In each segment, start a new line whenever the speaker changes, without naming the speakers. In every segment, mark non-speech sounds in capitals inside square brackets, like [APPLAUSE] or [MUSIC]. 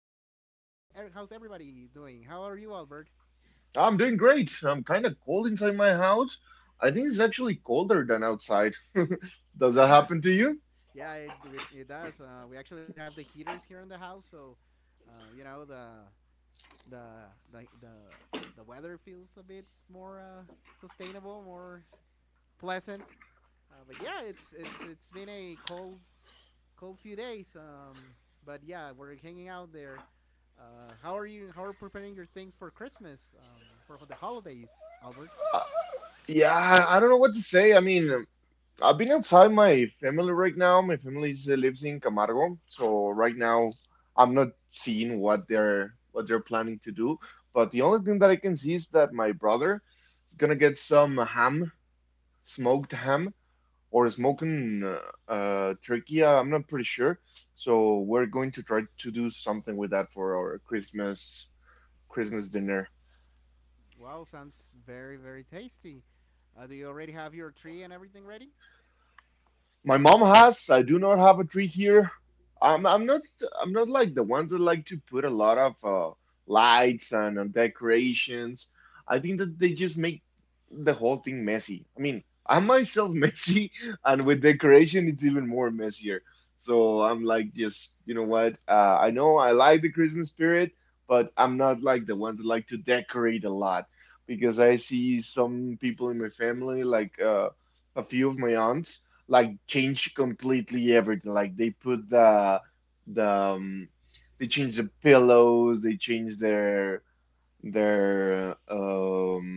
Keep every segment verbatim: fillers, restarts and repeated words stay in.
Uh, how are you? er- How's everybody doing? How are you, Albert?
I'm doing great. I'm kind of cold inside my house. I think it's actually colder than outside. [LAUGHS] Does that
[LAUGHS] Yeah,
happen to you?
yeah, it it, it does. Uh, we actually have the heaters here in the house, so uh, you know, the the the the the weather feels a bit more uh, sustainable, more pleasant. Uh, but yeah, it's it's it's been a cold cold few days. Um, but yeah, we're hanging out there. Uh, how are you? How are preparing your things for Christmas? Um, for the holidays, Albert?
Uh, yeah, I I don't know what to say. I mean, um, I've been outside my family right now. My family is- uh, lives in Camargo, so right now I'm not seeing what they're what they're planning to do. But the only thing that I can see is that my brother is gonna get some ham, smoked ham, or
Mm.
smoking uh, uh, turkey. uh, I'm not pretty sure. So we're going to try to do something with that for our Christmas Christmas dinner.
Wow, sounds very very tasty. Uh, do you already have your tree and everything ready?
My mom has. I do not have a tree here. I'm I'm not I'm not like the ones that like to put a lot of uh, lights and uh, decorations. I think that they just make the whole thing messy. I mean, I'm myself [LAUGHS] messy, and with decoration, it's even more messier. So I'm like, just you know what? Uh, I know I like the Christmas spirit, but I'm not like the ones that like to decorate a lot because I see some people in my family, like uh, a few of my aunts like change completely everything. Like they put the
Mm.
the um, they change the pillows, they change their their um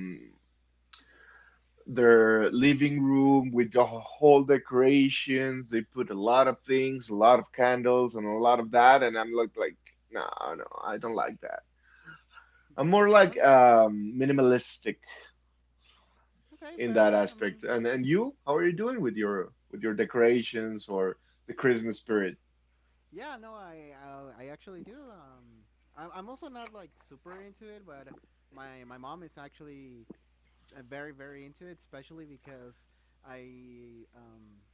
their living room with the whole decorations. They put a lot of things, a lot of candles, and a lot of that. And I'm like, like, no, no, I don't like that. I'm more like
Well,
um minimalistic
okay,
in
fair.
that
I mean,
aspect. And and you, how are you doing with your with your decorations or the Christmas spirit?
yeah, no, I I, I actually do. Um, I, I'm also not like super into it, but my my mom is actually s- uh, very very into it, especially because I um,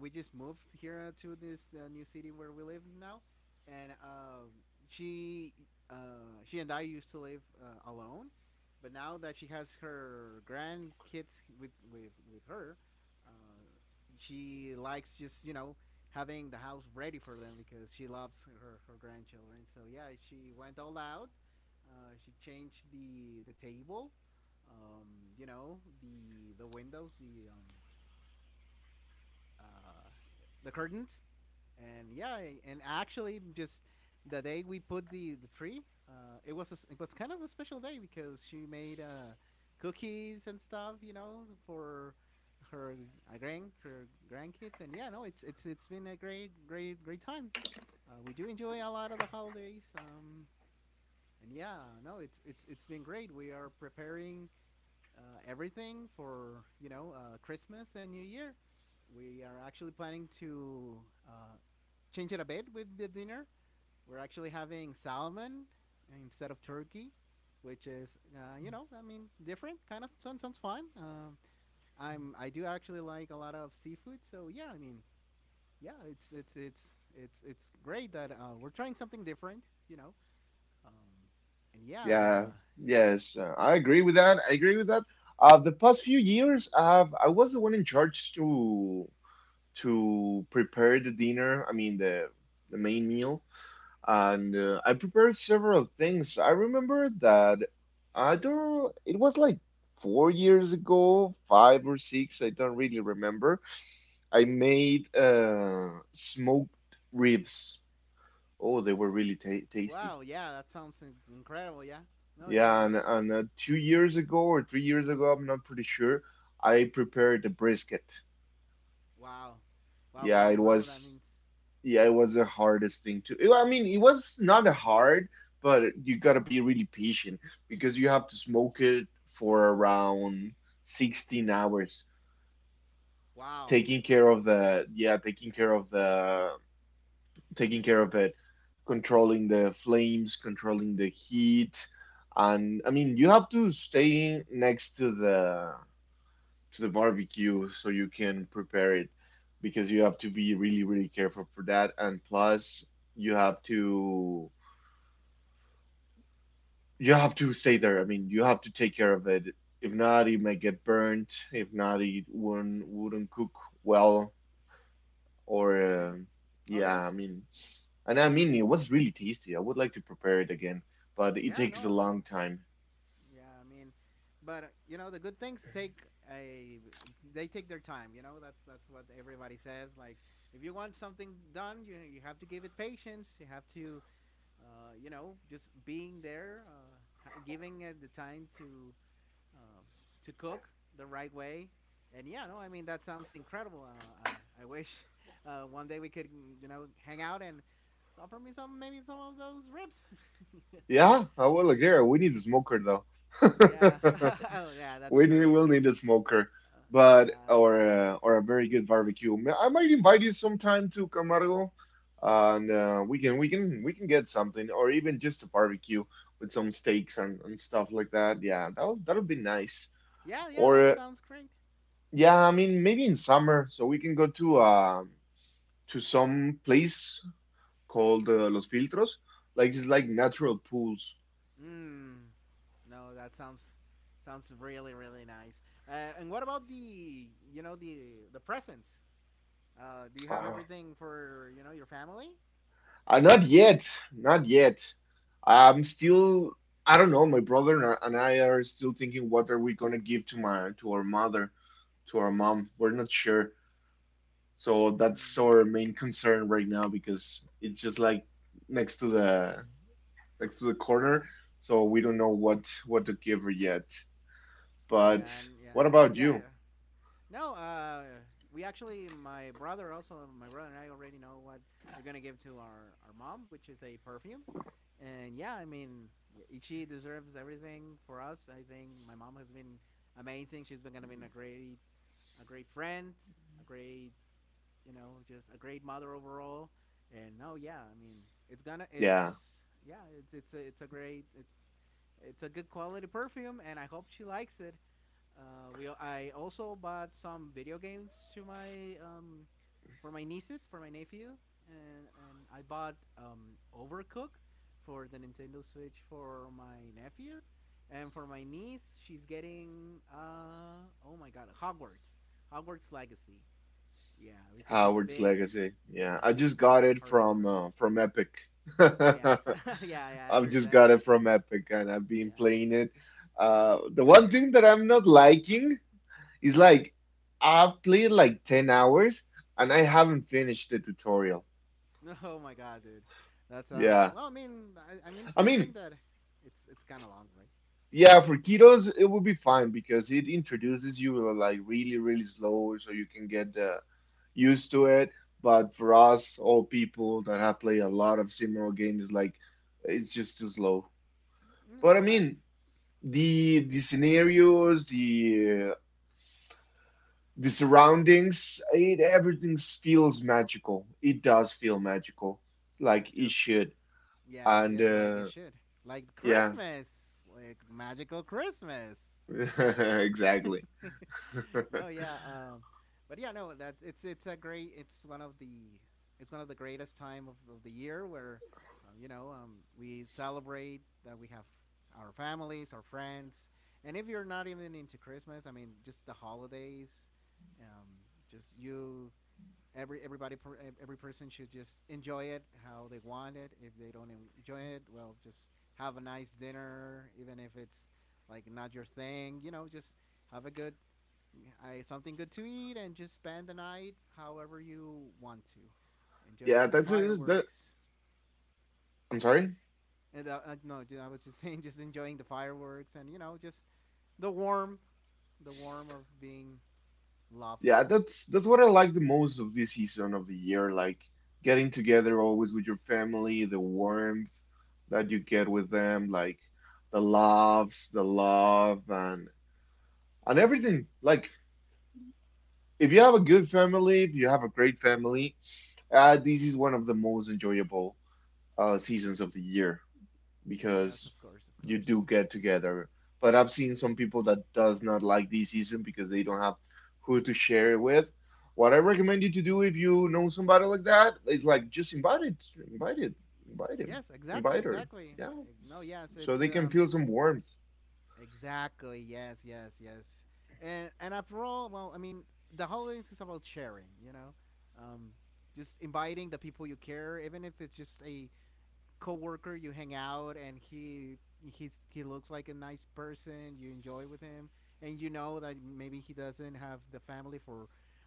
we just moved here to this uh, new city where we live now, and um, she uh, she and I used to live uh, alone, but now that she has her grandkids with with with her. Uh, she likes, just you know, having the house ready for them because she loves her, her grandchildren. So yeah, she went all out. Uh, she changed the the table, um, you know, the the windows, the um, uh, the curtains, and yeah, and actually, just the day we put the the tree, uh, it was a s it was kind of a special day because she made uh, cookies and stuff, you know, for her uh, grand her grandkids, and yeah, no, it's it's it's been a great great great time. Uh, we do enjoy a lot of the holidays, um, and yeah, no, it's it's it's been great. We are preparing uh, everything for you know uh, Christmas and New Year. We are actually planning to uh, change it a bit with the dinner. We're actually having salmon instead of turkey, which is uh, you know I mean, different kind of sounds sounds fun. Um, I'm I do actually like a lot of seafood, so yeah, I mean, yeah, it's it's it's it's it's great that uh, we're trying something different, you know. Um, and yeah,
Yeah,
uh,
yes, uh, I agree with that. I agree with that. Uh, the past few years, uh, I was the one in charge to to prepare the dinner. I mean, the the main meal, and uh, I prepared several things. I remember that I don't. It was like four years ago, five or six. I don't really remember. I made uh smoked ribs. Oh, they were really ta tasty.
wow, yeah, that sounds incredible, yeah. No, yeah,
Yeah, and,
that's
and uh, two years ago or three years ago, I'm not pretty sure, I prepared the brisket.
wow. Wow,
Yeah,
wow,
it
now that
was
means
yeah, it was the hardest thing to. Well, I mean, it was not hard, but you gotta be really patient because you have to smoke it for around sixteen hours,
wow.
taking care of the yeah, taking care of the taking care of it, controlling the flames, controlling the heat, and I mean, you have to stay next to the to the barbecue so you can prepare it because you have to be really really careful for that and plus you have to you have to stay there. I mean, you have to take care of it. If not, it may get burnt. If not, it wouldn't wouldn't cook well. Or
Okay.
um yeah,
Okay.
I mean, and I mean, it was really tasty. I would like to prepare it again, but it
Yeah, no,
takes a
I mean,
long time.
yeah, I mean, but uh, you know, the good things take a they take their time, you know? That's that's what everybody says, like if you want something done, you you have to give it patience. You have to uh, you know, just being there, uh, ha- giving it the time to um, to cook the right way. And yeah, no, I mean that sounds incredible. Uh, uh, I wish [LAUGHS] uh, one day we could, mm, you know, hang out and offer me some, maybe some of those ribs. [LAUGHS]
Yeah, I will agree. We need a smoker though.
Yeah,
[LAUGHS]
[LAUGHS] oh yeah, that's
We
true.
need, we'll need a smoker,
Uh,
but
yeah,
or uh, or a very good barbecue. Ma- I might invite you sometime to Camargo, and uh, we can we can we can get something, or even just a barbecue with some steaks and, and stuff like that. Yeah, that'll that'll be nice.
yeah, yeah, that
Or uh,
sounds great.
yeah, I mean maybe in summer, so we can go to uh, to some place called uh, Los Filtros, like just like natural pools.
Mm, no, that sounds sounds really really nice. Uh, and what about the, you know, the the presents? Uh, do you have
Ah,
everything for, you know, your family?
Uh, not yet, not yet. I'm still, I don't know, my brother and I and I are still thinking what are we gonna give to my to our mother, to our mom. We're not sure. So that's
Mm,
our main concern right now because it's just like next to the next to the corner, so we don't know what what to give her yet.
yeah, and
But what
yeah, and
about
yeah.
you?
No, uh, we actually, my brother also, my brother and I already know what we're gonna give to our our mom, which is a perfume. And yeah, I mean, y- she deserves everything for us. I think my mom has been amazing. She's been gonna be a great, a great friend, a great, you know, just a great mother overall. And no, yeah, I mean, it's gonna,
Yeah,
it's yeah, it's it's a, it's a great, it's it's a good quality perfume, and I hope she likes it. Uh, we I also bought some video games to my um, for my nieces for my nephew, and and I bought um, Overcooked for the Nintendo Switch for my nephew, and for my niece she's getting uh oh my god, Hogwarts Hogwarts Legacy. Yeah, because she's a
Howard's
big
Legacy. Yeah,
yeah,
I
she's
just
a
got
big
it
Harry
from
Potter.
uh, from Epic. [LAUGHS]
Yes,
I've
[LAUGHS] yeah, yeah, I
just
understand.
got it from Epic and I've
Yeah.
been playing it. Uh, the one thing that I'm not liking is like I've played like ten hours and I haven't finished the tutorial.
[LAUGHS] Oh my god, dude, that
Yeah.
sounds well. I mean, I, I mean,
I
it's a good
mean,
thing that it's it's kind of long, right?
yeah, for kiddos it would be fine because it introduces you uh, like really, really slow so you can get uh, used to it. But for us, all people that have played a lot of similar games, like it's just too slow.
Mm,
But I
uh,
mean, the the scenarios, the the surroundings it everything feels magical it does feel magical like it
just,
should
yeah,
and
yes, like
uh
it should. Like
yeah
Christmas, like magical Christmas.
[LAUGHS] exactly
[LAUGHS] No, yeah, um, but yeah, no, that it's it's a great. It's one of the it's one of the greatest time of, of the year where uh, you know, um, we celebrate that we have our families, our friends, and if you're not even into Christmas, I mean, just the holidays, um, just you every everybody per, e, every person should just enjoy it how they want it. If they don't enjoy it, well, just have a nice dinner, even if it's like not your thing, you know, just have a good I, something good to eat and just spend the night however you want to
yeah
enjoy the
that's it that
fireworks,
I'm sorry
and uh, uh, no, I was just [LAUGHS] saying, just enjoying the fireworks, and you know, just the warm, the warm of being loved.
yeah that's that's what I like the most of this season of the year like getting together always with your family the warmth that you get with them like the loves the love and and everything like if you have a good family if you have a great family, uh, this is one of the most enjoyable uh, seasons of the year because
Yes, of course, of
you do
course.
get together. But I've seen some people that does not like this season because they don't have who to share it with. What I recommend you to do if you know somebody like that is like just invite it, invite it, invite him,
Yes,
invite
exactly,
her,
exactly.
yeah,
Eh, No, yes,
so they
it's
can
um
feel some warmth.
exactly. Yes, yes, yes. And and after all, well, I mean, the holidays is about sharing, you know. Um, just inviting the people you care, even if it's just a coworker you hang out and he he's he looks like a nice person, you enjoy with him, and you know that maybe he doesn't have the family for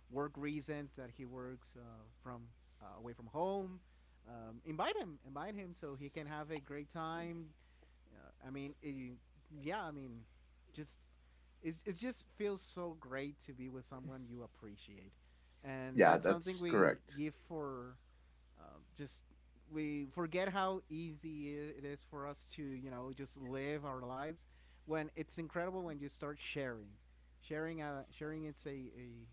work reasons, that he works uh, from uh, away from home, um, invite him, invite him so he can have a great time. uh, i mean it, yeah, I mean, just it, it just feels so great to be with someone you appreciate, and
Yeah,
that's something
that's
we
correct.
give for um, just we forget how easy it is for us to, you know, just live our lives, when it's incredible when you start sharing, sharing, uh sharing. it's a, a,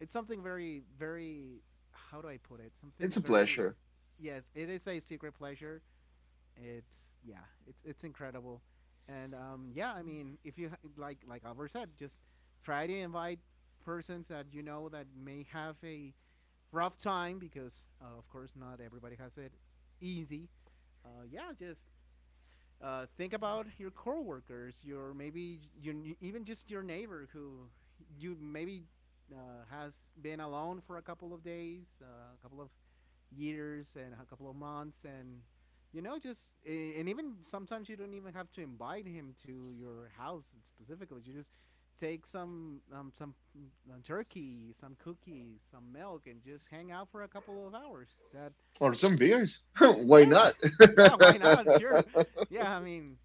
It's something very very how do I put it
It's
something
a
very
pleasure.
yes, it is a secret pleasure. It's Yeah, it's it's incredible. And um yeah, I mean, if you ha- like like Albert said, just try to invite persons that you know that may have a rough time because, uh, of course, not everybody has it easy. Uh, yeah, just uh, think about your coworkers, your maybe your even just your neighbor who you maybe uh, has been alone for a couple of days, uh, a couple of years, and a couple of months, and you know, just and even sometimes you don't even have to invite him to your house specifically, you just take some um, some uh, turkey, some cookies, some milk, and just hang out for a couple of hours. That,
Or some beers. [LAUGHS] Why
yes,
not?
[LAUGHS] yeah, why not, [LAUGHS]
[LAUGHS]
sure. Yeah, I mean,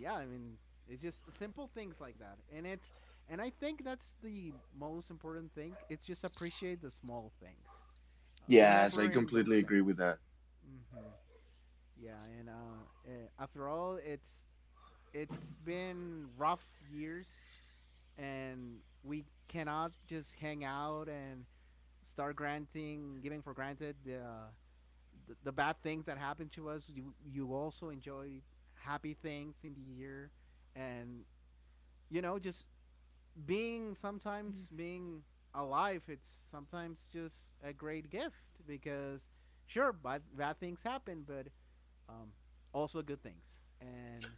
yeah, I mean, it's just simple things like that, and it's and I think that's the most important thing. It's just appreciate the small things. Uh,
Yes, I
remembering
completely
those
agree with
things.
that.
Hmm. Yeah, and uh, eh, after all, it's it's been rough years, and we cannot just hang out and start granting, giving for granted the uh, the, the bad things that happen to us. You you also enjoy happy things in the year, and you know, just being sometimes being alive. It's sometimes just a great gift because sure, bad bad things happen, but um, also good things. And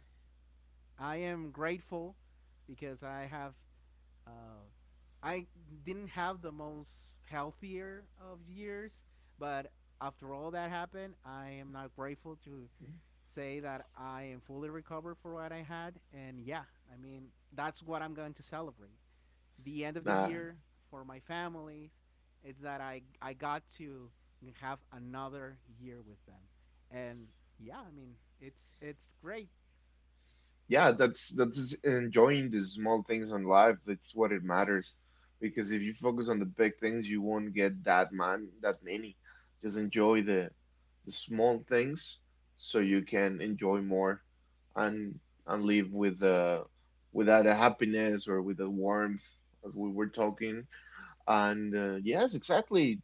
I am grateful because I have uh, I didn't have the most healthier of years, but after all that happened, I am not grateful to say that I am fully recovered for what I had. And yeah, I mean, that's what I'm going to celebrate the end of the
Uh,
year for my families is that I I got to have another year with them, and yeah, I mean, it's it's great.
yeah, that's that's enjoying the small things in life that's what it matters because if you focus on the big things you won't get that man that many. Just enjoy the the small things so you can enjoy more and and live with uh without a happiness or with the warmth as we were talking and, uh, yes exactly,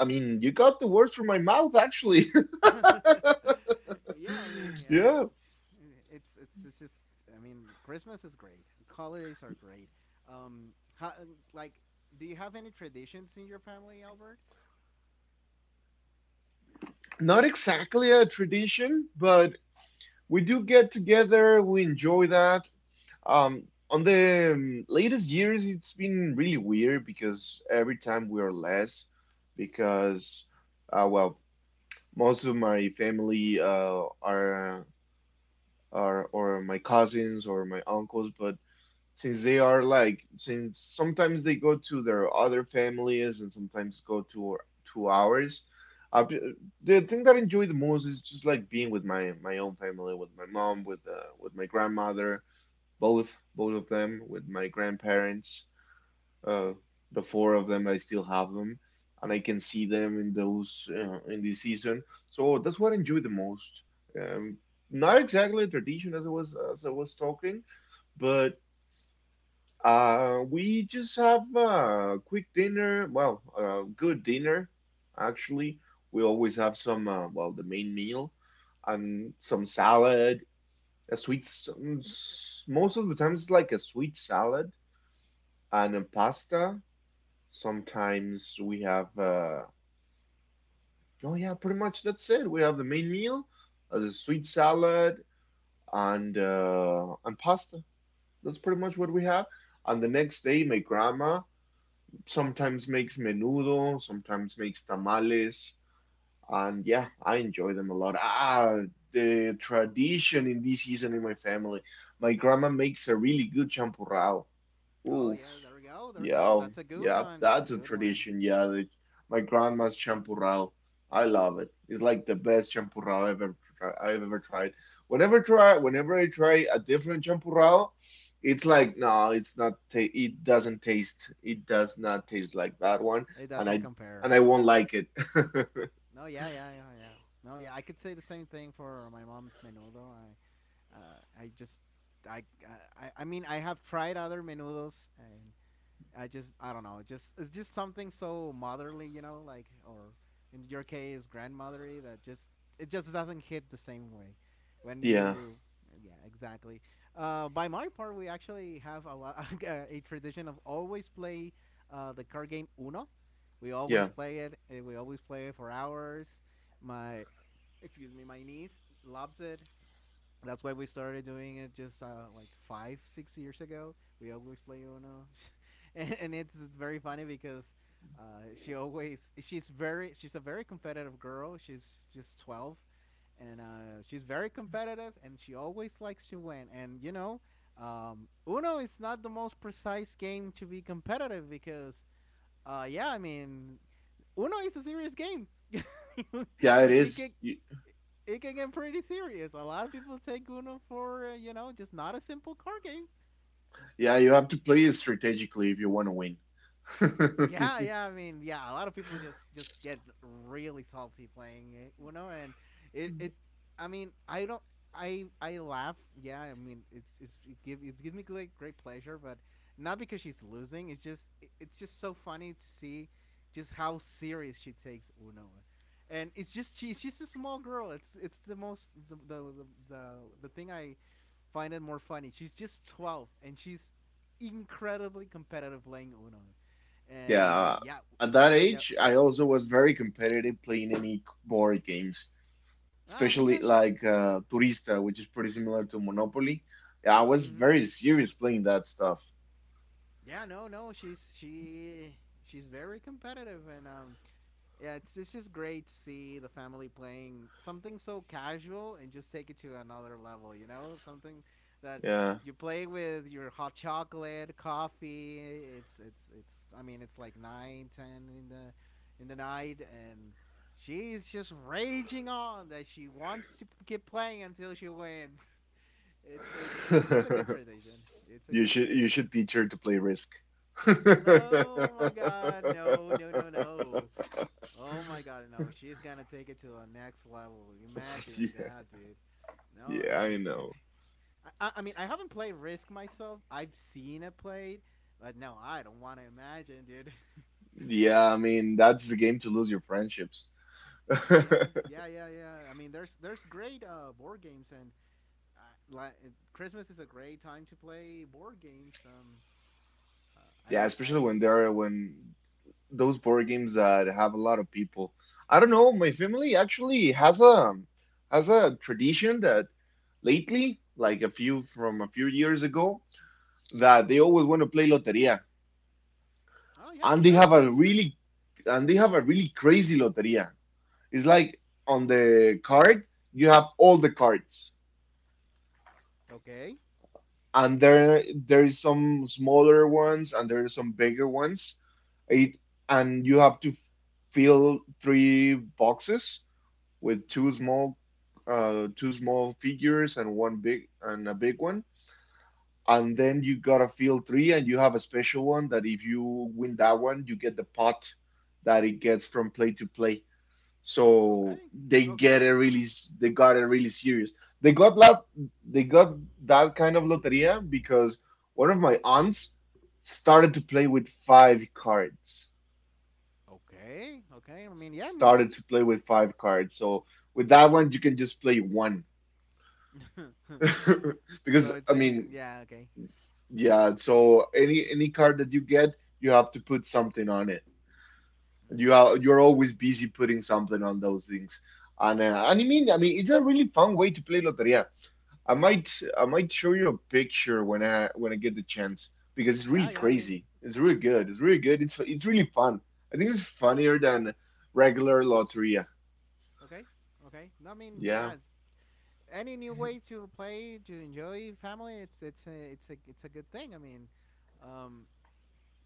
I mean you got the words from my mouth actually.
[LAUGHS] Yeah, I
[LAUGHS]
mean, yeah,
Yeah,
it's it's it's it's just I mean, Christmas is great. Holidays are great. Um, ho- like, do you have any traditions in your family, Albert?
not exactly a tradition but we do get together. We enjoy that. Um, on the um, latest years, it's been really weird because every time we are less, because uh, well, most of my family uh, are are or my cousins or my uncles, but since they are like since sometimes they go to their other families and sometimes go to to ours. Uh, b- the thing that I enjoy the most is just like being with my my own family, with my mom, with uh, with my grandmother, both both of them, with my grandparents. Uh, the four of them, I still have them, and I can see them in those uh, in this season. So that's what I enjoy the most. Um, Not exactly a tradition as I was as I was talking, but uh, we just have a quick dinner. Well, a good dinner, actually. We always have some, uh, well, the main meal and some salad, a sweet. s- mm, s- Most of the time, it's like a sweet salad and a pasta. Sometimes we have, uh, oh yeah, pretty much that's it. We have the main meal, uh, the sweet salad, and uh, and pasta. That's pretty much what we have. And the next day, my grandma. Sometimes makes menudo, sometimes makes tamales, and yeah, I enjoy them a lot. Ah, the tradition in this season in my family, my grandma makes a really good champurrado.
Oh
Ooh,
yeah, there we go, there we go.
yeah,
That's a good
yeah,
one. That's a
that's a
good one.
tradition. Yeah, the, my grandma's champurrado. I love it. It's like the best champurrado I've ever tri- I've ever tried. Whenever try, whenever I try a different champurrado, it's like no, it's not. Ta It doesn't taste. It does
Yeah.
not taste like that one,
It
and
doesn't
I and I
compare.
won't like it. [LAUGHS]
No, yeah, yeah, yeah, yeah. No, yeah, I could say the same thing for my mom's menudo. I, uh, I just, I, I, I mean, I have tried other menudos, and I just, I don't know. It just it's just something so motherly, you know, like, or in your case grandmotherly, that just it just doesn't hit the same way when
Yeah,
you yeah, exactly. Uh, by my part, we actually have a lot [LAUGHS] a tradition of always play uh, the card game Uno. We always
yeah,
play it, uh, we always play it for hours. My excuse me My niece loves it. That's why we started doing it just uh, like five, six years ago. We always play Uno, [LAUGHS] and, and it's very funny because uh, she always she's very, she's a very competitive girl. She's just twelve, and uh, she's very competitive, and she always likes to win. And you know, um, Uno is not the most precise game to be competitive because, uh, yeah, I mean, Uno is a serious game. [LAUGHS]
yeah. It
it
is.
can
Y-
it can get pretty serious. A lot of people take Uno for uh, you know just not a simple card game.
Yeah, you have to play it strategically if you want to win.
Yeah, yeah. I mean, yeah. A lot of people just just get really salty playing Uno. And it, it.
[LAUGHS]
I mean, I don't. I I laugh. Yeah. I mean, it's, it's it give it gives me great great pleasure, but not because she's losing. It's just it- it's just so funny to see just how serious she takes Uno. And it's just she's just a small girl. It's it's the most the the the, the, the thing I find it more funny. She's just twelve and she's incredibly competitive playing Uno and
Yeah,
yeah,
at that
yeah.
age, I also was very competitive playing any board games,
I mean, yeah,
especially
sure.
like uh, Turista, which is pretty similar to Monopoly. Yeah, I was
hmm
very serious playing that stuff.
Yeah, no, no. She's she she's very competitive, and um, yeah, it's it's just great to see the family playing something so casual and just take it to another level. You know, something that
Yeah,
you play with your hot chocolate, coffee. It's it's it's. I mean, it's like nine, ten in the in the night, and she's just raging on that she wants to keep playing until she wins. It's it's it's it's a good
[LAUGHS]
transition. It's a good
you should you
transition.
should teach her to play Risk.
Oh my god,
[LAUGHS]
no, no, no, no. Oh my god, no. She's gonna take it to the next level. Imagine
Yeah,
that, dude. No,
yeah,
I
I
mean,
know.
I, I, I mean, I haven't played Risk myself. I've seen it played, but no, I don't want to imagine, dude.
Yeah, I mean that's the game to lose your friendships. [LAUGHS]
[LAUGHS] yeah, yeah, yeah, yeah. I mean, there's there's great uh, board games, and uh, like Christmas is a great time to play board games. Um, uh,
Yeah,
I I
especially when they're when those board games that have a lot of people. I don't know. My family actually has a has a tradition that lately, like a few from a few years ago, that they always want to play loteria,
Oh yeah,
and they
sure,
have a
that's great.
really and they have a really crazy loteria. It's like on the card you have all the cards,
Okay.
and there there is some smaller ones and there are some bigger ones. It and you have to f- fill three boxes with two small uh two small figures and one big and a big one, and then you gotta field three, and you have a special one that if you win that one you get the pot that it gets from play to play. So
Okay.
they get it
Okay.
really, they got it really serious. They got that they got that kind of loteria because one of my aunts started to play with five cards.
Okay. Okay. I mean, yeah. I
Started
mean,
to play with five cards so with that one you can just play one. [LAUGHS]
[LAUGHS] so
Because
it's
I
basically
mean,
yeah. Okay.
yeah. So any any card that you get, you have to put something on it. You
Mm.
are you're always busy putting something on those things. And uh, and I mean, I mean, it's a really fun way to play loteria. I might I might show you a picture when I when I get the chance, because it's really
Yeah. Yeah. I mean,
crazy. It's really good. It's really good. It's it's really fun. I think it's funnier than regular loteria.
okay. Okay. No, I mean,
Yeah.
yeah. Any new way to play to enjoy family, it's it's a, it's a it's a good thing. I mean, um,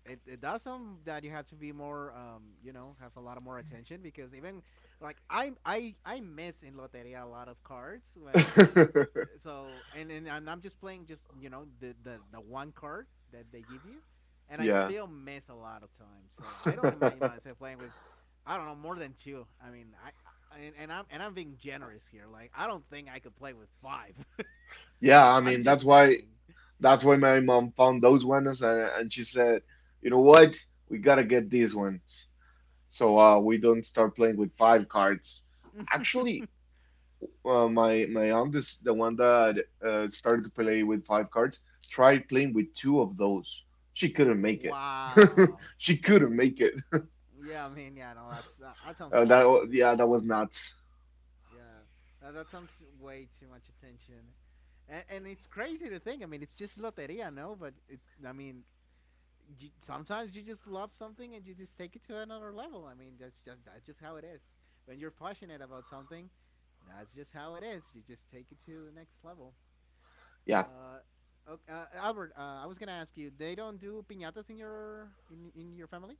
it, it does some that you have to be more um you know have a lot of more attention because even like I I I miss in Loteria a lot of cards when it
[LAUGHS]
so and and I'm, I'm just playing just you know the, the the one card that they give you and I
Yeah.
still miss a lot of time so I don't imagine
[LAUGHS]
myself playing with I don't know more than two. I mean I, I And, and I'm and I'm being generous here. Like I don't think I could play with five.
Yeah,
[LAUGHS]
I
I'm
mean that's
just
why
saying.
That's why my mom found those ones, and, and she said, you know what, we gotta get these ones, so uh, we don't start playing with five cards. Actually,
[LAUGHS]
uh, my my aunt is the one that uh, started to play with five cards. Tried playing with two of those. She couldn't make it.
Wow.
[LAUGHS] She couldn't make it. [LAUGHS]
Yeah, I mean, yeah, no, that's that, that sounds a
Uh, that
lot
wa-
too.
yeah, that was nuts.
Yeah, that, that sounds way too much attention, and, and it's crazy to think. I mean, it's just loteria, no? But it, I mean, You, sometimes you just love something and you just take it to another level. I mean, that's just that's just how it is. When you're passionate about something, that's just how it is. You just take it to the next level.
Yeah.
Uh, okay, uh, Albert, uh, I was gonna ask you. They don't do piñatas in your in in your family?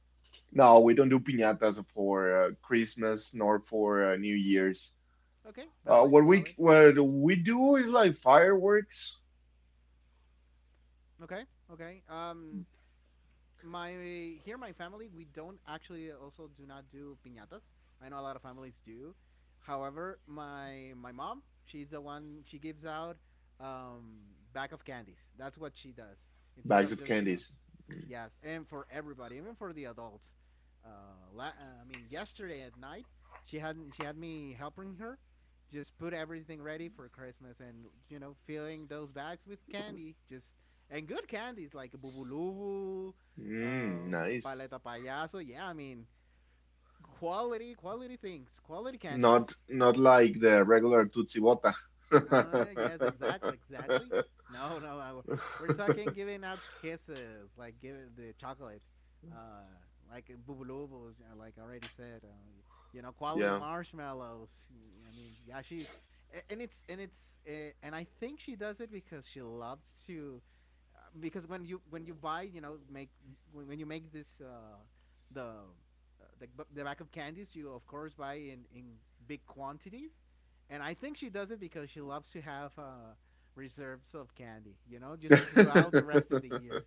No, we don't do piñatas for uh, Christmas nor for uh, New Year's.
Okay,
Uh, what
valid,
we
valid.
what we do is like fireworks.
Okay, okay. Um, my here my family we don't actually also do not do piñatas. I know a lot of families do. However, my my mom she's the one she gives out um, bag of candies. That's what she does instead
Bags
of
of
just you know.
candies.
Yes, and for everybody, even for the adults. Uh, la- uh, I mean, yesterday at night, she had she had me helping her just put everything ready for Christmas and you know filling those bags with candy, just and good candies like bubulubu,
Mm,
uh,
nice.
paleta payaso. Yeah, I mean quality quality things, quality
Not
candies.
not like the regular Tootsie Bota.
Uh, yes, exactly, exactly.
[LAUGHS]
No, no, uh, we're- we're talking giving out kisses, like giving the chocolate, uh, like uh, bubulubus, uh, like I already said, uh, y- you know, quality
Yeah.
marshmallows. I mean, yeah, she, a- and it's and it's uh, and I think she does it because she loves to because when you when you buy you know make when, when you make this uh, the uh, the, the back of candies you of course buy in in big quantities and I think she does it because she loves to have uh, reserves of candy you know just throughout the
[LAUGHS]
rest of the year.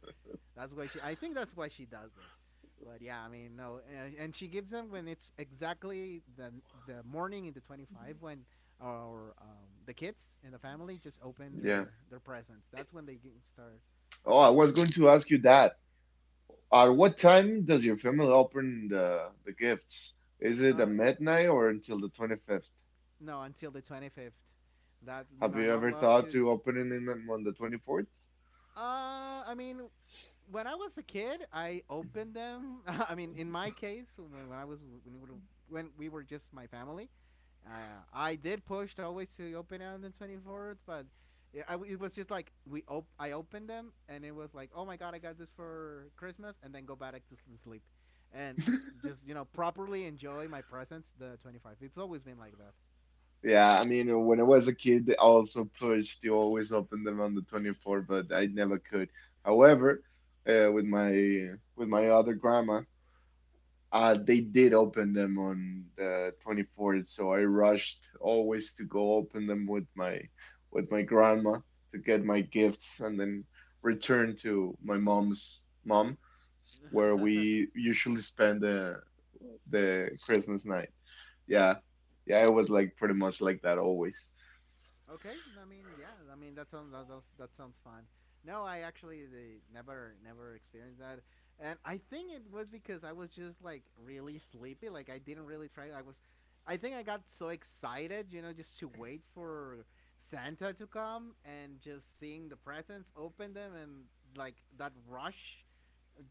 That's why she, I think that's why she does it. But yeah I mean no, and, and she gives them when it's exactly the the morning in the twenty fifth when our um, the kids and the family just open
Yeah.
their their presents. That's when they g- start.
Oh,
Uh,
I was
my
going
mom.
to ask you that. At what time does your family open the, the gifts? Is it
Uh,
at midnight or until the twenty fifth?
no, until the twenty fifth. That
Have you
my
ever
mom loves
thought to
shoes.
opening them on the twenty fourth?
Uh, I mean, when I was a kid, I opened them. [LAUGHS] I mean, in my case, when when I was when we were, when we were just my family, uh, I did push always to open it on the twenty fourth, but. Yeah, I, it was just like we op- I opened them and it was like, oh my god, I got this for Christmas, and then go back to sleep, and just you know properly enjoy my presents the twenty fifth. It's always been like that.
Yeah, I mean, when I was a kid, I also pushed to always open them on the twenty fourth, but I never could. However, uh, with my with my other grandma, uh, they did open them on the twenty fourth, so I rushed always to go open them with my with my grandma to get my gifts, and then return to my mom's mom, where we
[LAUGHS]
usually spend the the Christmas night. Yeah, yeah, it was like pretty much like that always.
Okay, I mean, yeah, I mean that sounds that sounds, that sounds fun. No, I actually the, never never experienced that, and I think it was because I was just like really sleepy. Like I didn't really try. I was, I think I got so excited, you know, just to wait for Santa to come and just seeing the presents, open them, and like that rush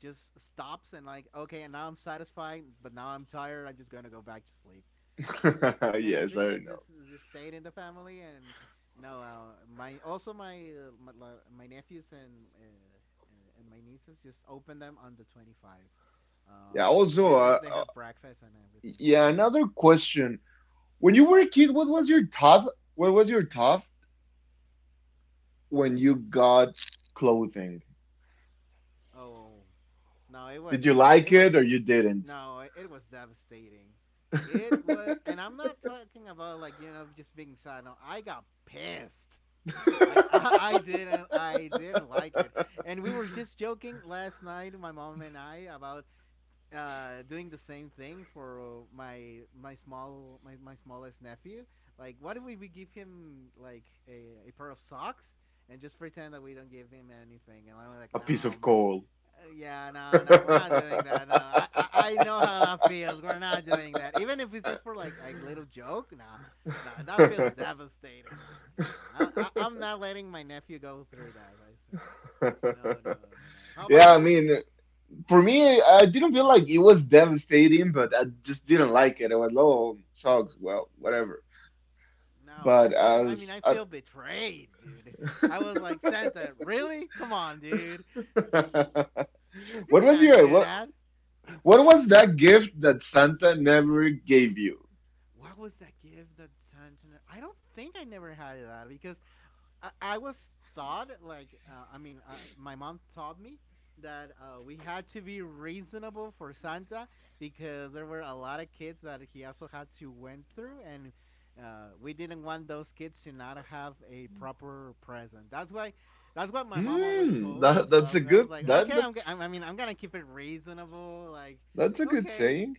just stops and like okay and now I'm satisfied but now I'm tired I'm just gonna go back to sleep.
[LAUGHS]
Uh, and I
Yes,
think
I
that
know.
just, just stayed in the family. And no, uh, my also my uh, my, my nephews and uh, uh, and my nieces just opened them on the twenty fifth. um
Yeah,
and,
also,
and
uh,
they have
uh,
breakfast and everything,
yeah,
yeah.
another question. When you were a kid, what was your top? What was your top when
my
you got clothing?
oh No, it was
Did you
it
like
was
it or you didn't?
no, it was devastating. It was, and I'm not talking about like you know just being sad. No, I got pissed. Like [LAUGHS] I, I didn't, I didn't like it. And we were just joking last night, my mom and I, about uh, doing the same thing for my my small my, my smallest nephew. Like, what if we, we give him like a, a pair of socks and just pretend that we don't give him anything? And I'm
A
like,
piece of
no,
coal.
uh, yeah, no, no, we're not doing that. No, I, I, I know how that feels. We're not doing that. Even if it's just for like like little joke, nah, nah, that feels
[LAUGHS]
devastating. Nah, nah, nah. I, I, I'm not letting my nephew go through that. Like I said, no, no, no, no. How about
Yeah, I
you? Did,
mean, for me, I didn't feel like it was devastating, but I just didn't like it. I was, oh, sucks. Well, whatever.
no,
But
I, I, I
as
mean, I
[LAUGHS]
feel betrayed, dude. I was like, Santa, really? Come on, dude. You
what was
cannot
your
do
what,
that.
What was that gift that Santa never gave you?
What was that gift that Santa? I don't think I never had that because I, I was thought like uh, I mean uh, my mom taught me that uh, we had to be reasonable for Santa because there were a lot of kids that he also had to went through and uh, we didn't want those kids to not have a proper present. That's why that's what my mom always told
Hmm,
me.
that
So
that's a
I, I was
good
like, okay,
that
I'm, go- I'm I
that's
mean I'm gonna keep it reasonable. Like,
that's a good
okay,
saying.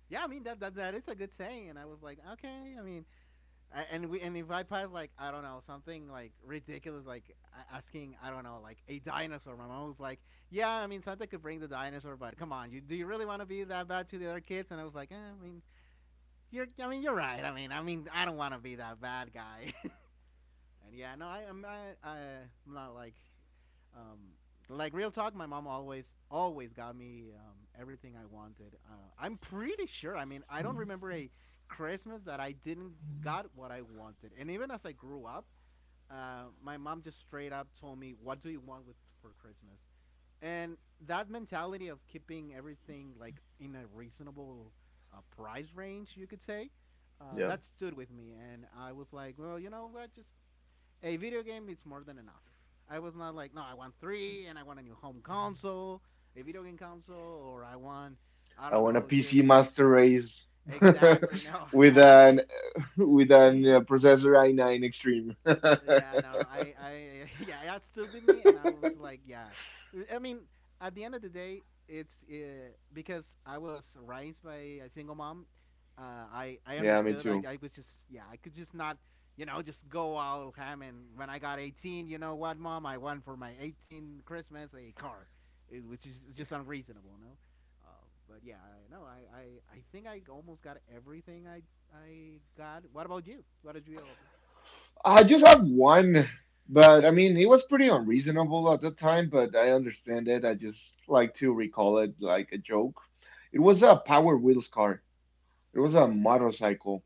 yeah, I mean that that that is a good saying. And I was like, okay, I mean and we and if I pass like I don't know something like ridiculous like asking I don't know like a dinosaur, my mom was like, "Yeah, I mean Santa could bring the dinosaur, but come on, you do you really want to be that bad to the other kids?" And I was like, eh, "I mean, you're I mean you're right. I mean I mean I don't want to be that bad guy." And yeah, no, I, I'm I, I, am not like, um, like real talk. My mom always always got me um, everything I wanted. Uh, I'm pretty sure. I mean, I don't remember a Christmas that I didn't got what I wanted. And even as I grew up, uh, my mom just straight up told me, "What do you want with for Christmas?" And that mentality of keeping everything like in a reasonable uh, price range, you could say, uh,
Yeah.
that stood with me. And I was like, "Well, you know what? Just a video game it's more than enough. I was not like, no, I want three, and I want a new home console, a video game console, or I want, I don't
I want a
know,
P C
just.
Master Race.
Exactly. No, [LAUGHS]
[LAUGHS] With
I, I,
an with an
I
uh,
[LAUGHS]
processor i nine Extreme.
yeah,
[LAUGHS]
no, I, I, [LAUGHS] yeah, that stuck with me, and I was like, yeah. I mean, at the end of the day, it's uh, because I was raised by a single mom. Uh, I, I
Yeah, me
understood. I,
too.
I was just, yeah, I could just not, you know, just go out ham. And when I got eighteen, you know what, mom, I want for my eighteen Christmas a car, it, which is just unreasonable, no? Uh, but yeah, I know. I, I, I think I almost got everything I, I got. What about you? What did you, offer?
I just have one, but I mean, it was pretty unreasonable at the time, but I understand it. I just like to recall it like a joke. It was a Power Wheels car. It was a motorcycle.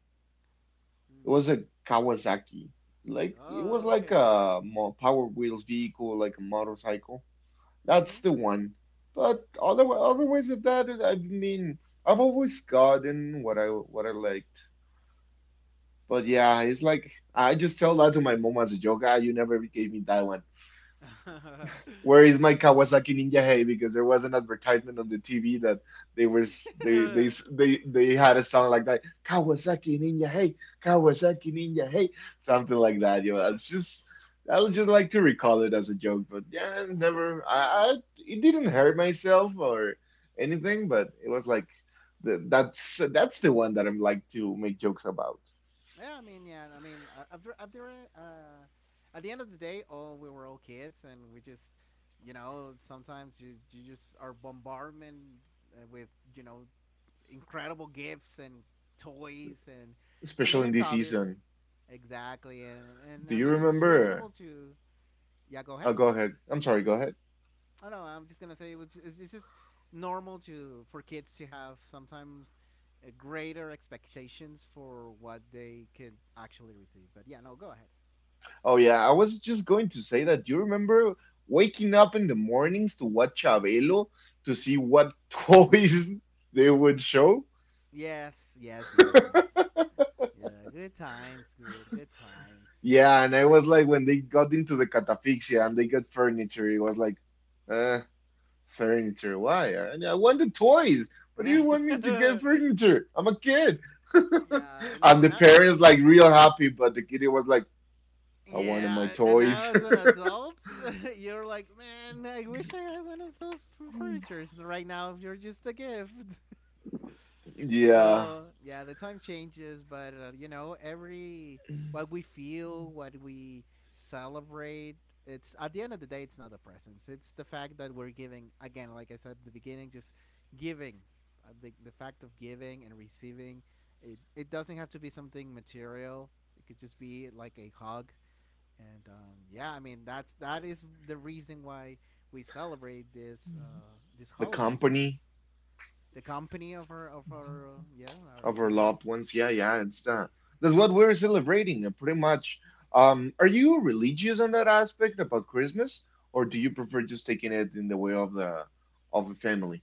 It was a Kawasaki. Like it was
Oh,
like
okay.
a mo- Power Wheels vehicle, like a motorcycle. That's
Mhm.
the
Mhm.
one. But other Otherwise than that, it- I mean, I've always gotten what I what I liked. But yeah, it's like I just tell that to my mom as a joke. Ah, you never gave me that.
[LAUGHS]
Where is my
Yeah.
Kawasaki Ninja Hey? Because there was an advertisement on the T V that they were they they
[LAUGHS]
they they had a song like that, Kawasaki Ninja Hey, Kawasaki Ninja Hey, something like that. You know, I was just I would just like to recall it as a joke, but yeah, never. I, I it didn't hurt myself or anything, but it was like the, that's that's the one that I'm like to make jokes about,
Yeah, I mean, yeah, I mean, uh, after after uh, at the end of the day, all we were all kids, and we just, you know, sometimes you you just are bombardment uh, with you know incredible gifts and toys, and I
especially in
mean,
this
it's
season.
obvious, exactly, and
Do
and
you
I mean, it's
remember?
reasonable to, yeah. Go
Oh,
ahead.
go ahead. I'm sorry. Go ahead.
I don't know. I'm just gonna say it was. ju- It's it's just normal to for kids to have sometimes uh, greater expectations for what they could actually receive. But yeah, no, go ahead.
Oh yeah, I was just going to say that. Do you remember waking up in the mornings to watch Chabelo to see what [LAUGHS] toys they would show?
Yes, yes, yes, yes. Yeah, good times, good, good times.
Yeah, and I was like, when they got into the catafixia and they got furniture, it was like, uh, furniture? Why? I, I want the toys. What do you want me to get
[LAUGHS]
furniture? I'm a kid. [LAUGHS]
Yeah, and
And the
now, now, and
parents like real happy, but the kid was like, I wanted my
yeah, and
toys.
now as an adult, [LAUGHS] you're like, man, I wish I had one of those
[LAUGHS]
furnitures. Right now, you're just a gift.
Yeah,
Uh, yeah, the time changes, but uh, you know, every what we feel, what we celebrate, it's at the end of the day, it's not the presence. It's the fact that we're giving again, like I said at the beginning, just giving. Uh, the the fact of giving and receiving, it it doesn't have to be something material. It could just be like a hug. And um, yeah, I mean that's that is the reason why we celebrate this uh, these
the
holidays because
company.
the company of her, of her, uh, yeah our
Of our
dear.
loved ones. Yeah, yeah, it's the that's what we're celebrating, uh, pretty much. Um, are you religious on that aspect about Christmas, or do you prefer just taking it in the way of the of the family?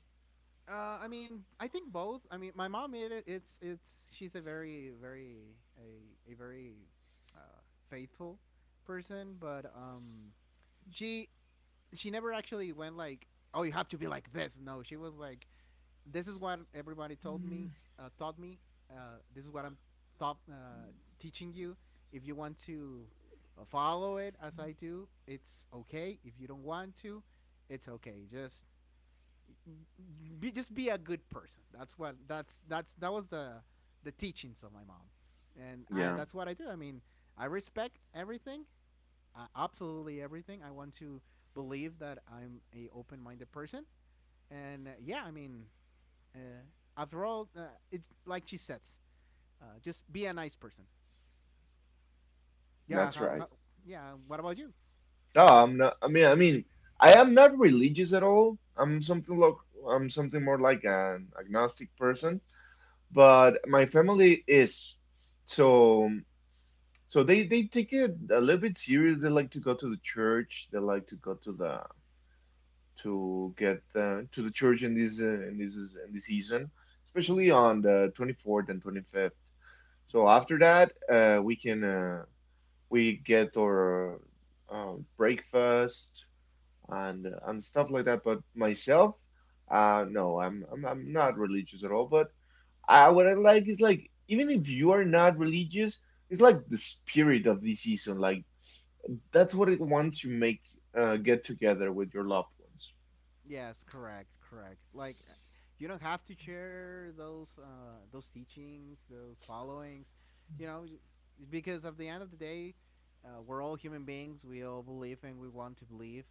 Uh, I mean, I think both. I mean, my mom made it. It's it's she's a very very a a very uh, faithful person, but um, she she never actually went like, oh, you have to be like this. No, she was like, this is what everybody told me, uh, taught me. Uh, this is what I'm thought uh, teaching you. If you want to uh, follow it as I do, it's okay. If you don't want to, it's okay. Just be, just be a good person. That's what that's that's That was the the teachings of my mom, and I
Yeah,
that's what I do. I mean, I respect everything, uh, absolutely everything. I want to believe that I'm a open minded person, and uh, yeah, I mean, uh, after all, uh, it's like she says, uh, just be a nice person.
that's
Yeah.
right.
How? How Yeah. What about you?
No, I'm not. I mean, I mean, I am not religious at all. I'm something like I'm something more like an agnostic person, but my family is. So so they they take it a little bit serious. They like to go to the church. They like to go to the to get uh, to the church in this uh, in this in this season, especially
Mm-hmm.
on the twenty fourth and twenty fifth. So after that, uh, we can uh, we get our uh, breakfast and uh, and stuff like that. But myself, uh, no, I'm, I'm I'm not religious at all. But I what I like is like even if you are not religious, it's like the spirit of the season. Like that's what it wants you make uh, get together with your loved ones.
Yes. Correct. Correct. Like, uh, you don't have to share those uh, those teachings, those followings. You know, j- because at the end of the day, uh, we're all human beings. We all believe and we want to believe.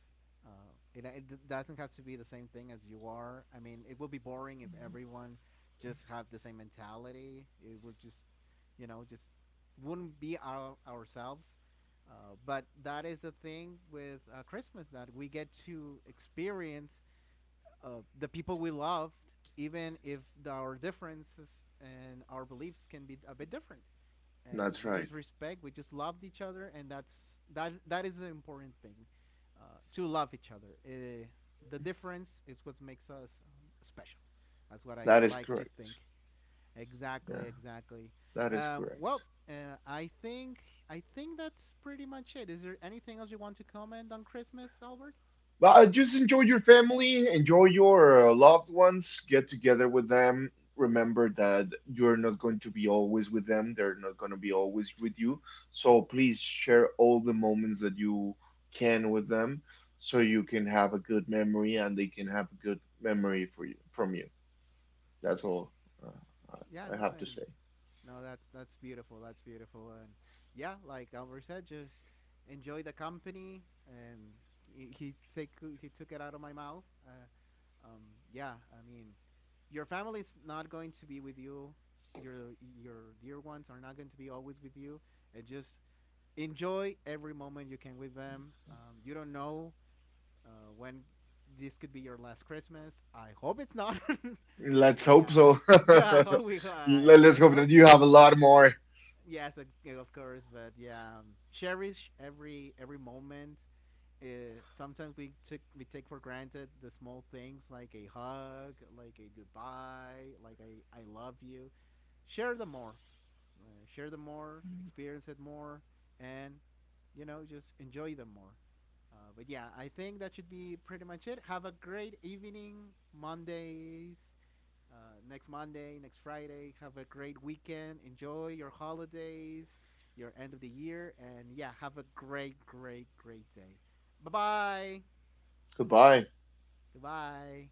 Uh, it, it doesn't have to be the same thing as you are. I mean, it would be boring if everyone just had the same mentality. It would just you know just wouldn't be our ourselves uh, but that is the thing with uh, Christmas that we get to experience uh, the people we loved, even if the, our differences and our beliefs can be a bit different. And
That's
we
right.
just respect, we just loved each other, and that's that. That is the important thing, uh, to love each other. Uh, the difference is what makes us um, special. That's what I
That is
like to think.
correct.
Exactly,
Yeah,
exactly.
that is
Um, well,
correct.
uh, I think I think that's pretty much it. Is there anything else you want to comment on Christmas, Albert?
But uh, just enjoy your family, enjoy your uh, loved ones, get together with them. Remember that you're not going to be always with them, they're not going to be always with you. So please share all the moments that you can with them, so you can have a good memory and they can have a good memory for you from you. That's all uh,
Yeah,
I
no,
have to
and
say.
no, that's that's beautiful. That's beautiful, and yeah, like Albert said, just enjoy the company, and he he, take, he took it out of my mouth. Uh, um, yeah, I mean, your family's not going to be with you. Your your dear ones are not going to be always with you, and just enjoy every moment you can with them. Um, you don't know uh, when this could be your last Christmas. I hope it's not, [LAUGHS]
Let's
but yeah,
hope
I,
so. [LAUGHS]
[LAUGHS] yeah, I
Let-
hope we, [LAUGHS] I, we-
Let's
let's
hope that
hope.
you have a lot more.
Yes, uh, yeah, of course, but yeah, um, cherish every every moment. Uh, Sometimes we took we take for granted the small things like a hug, like a goodbye, like a I love you. Share them more uh, share them more, experience it more, and you know just enjoy them more. Uh, but yeah, I think that should be pretty much it. Have a great evening, Mondays. Uh, next Monday, next Friday. Have a great weekend. Enjoy your holidays, your end of the year, and yeah, have a great, great, great day. Bye bye.
Goodbye.
Goodbye.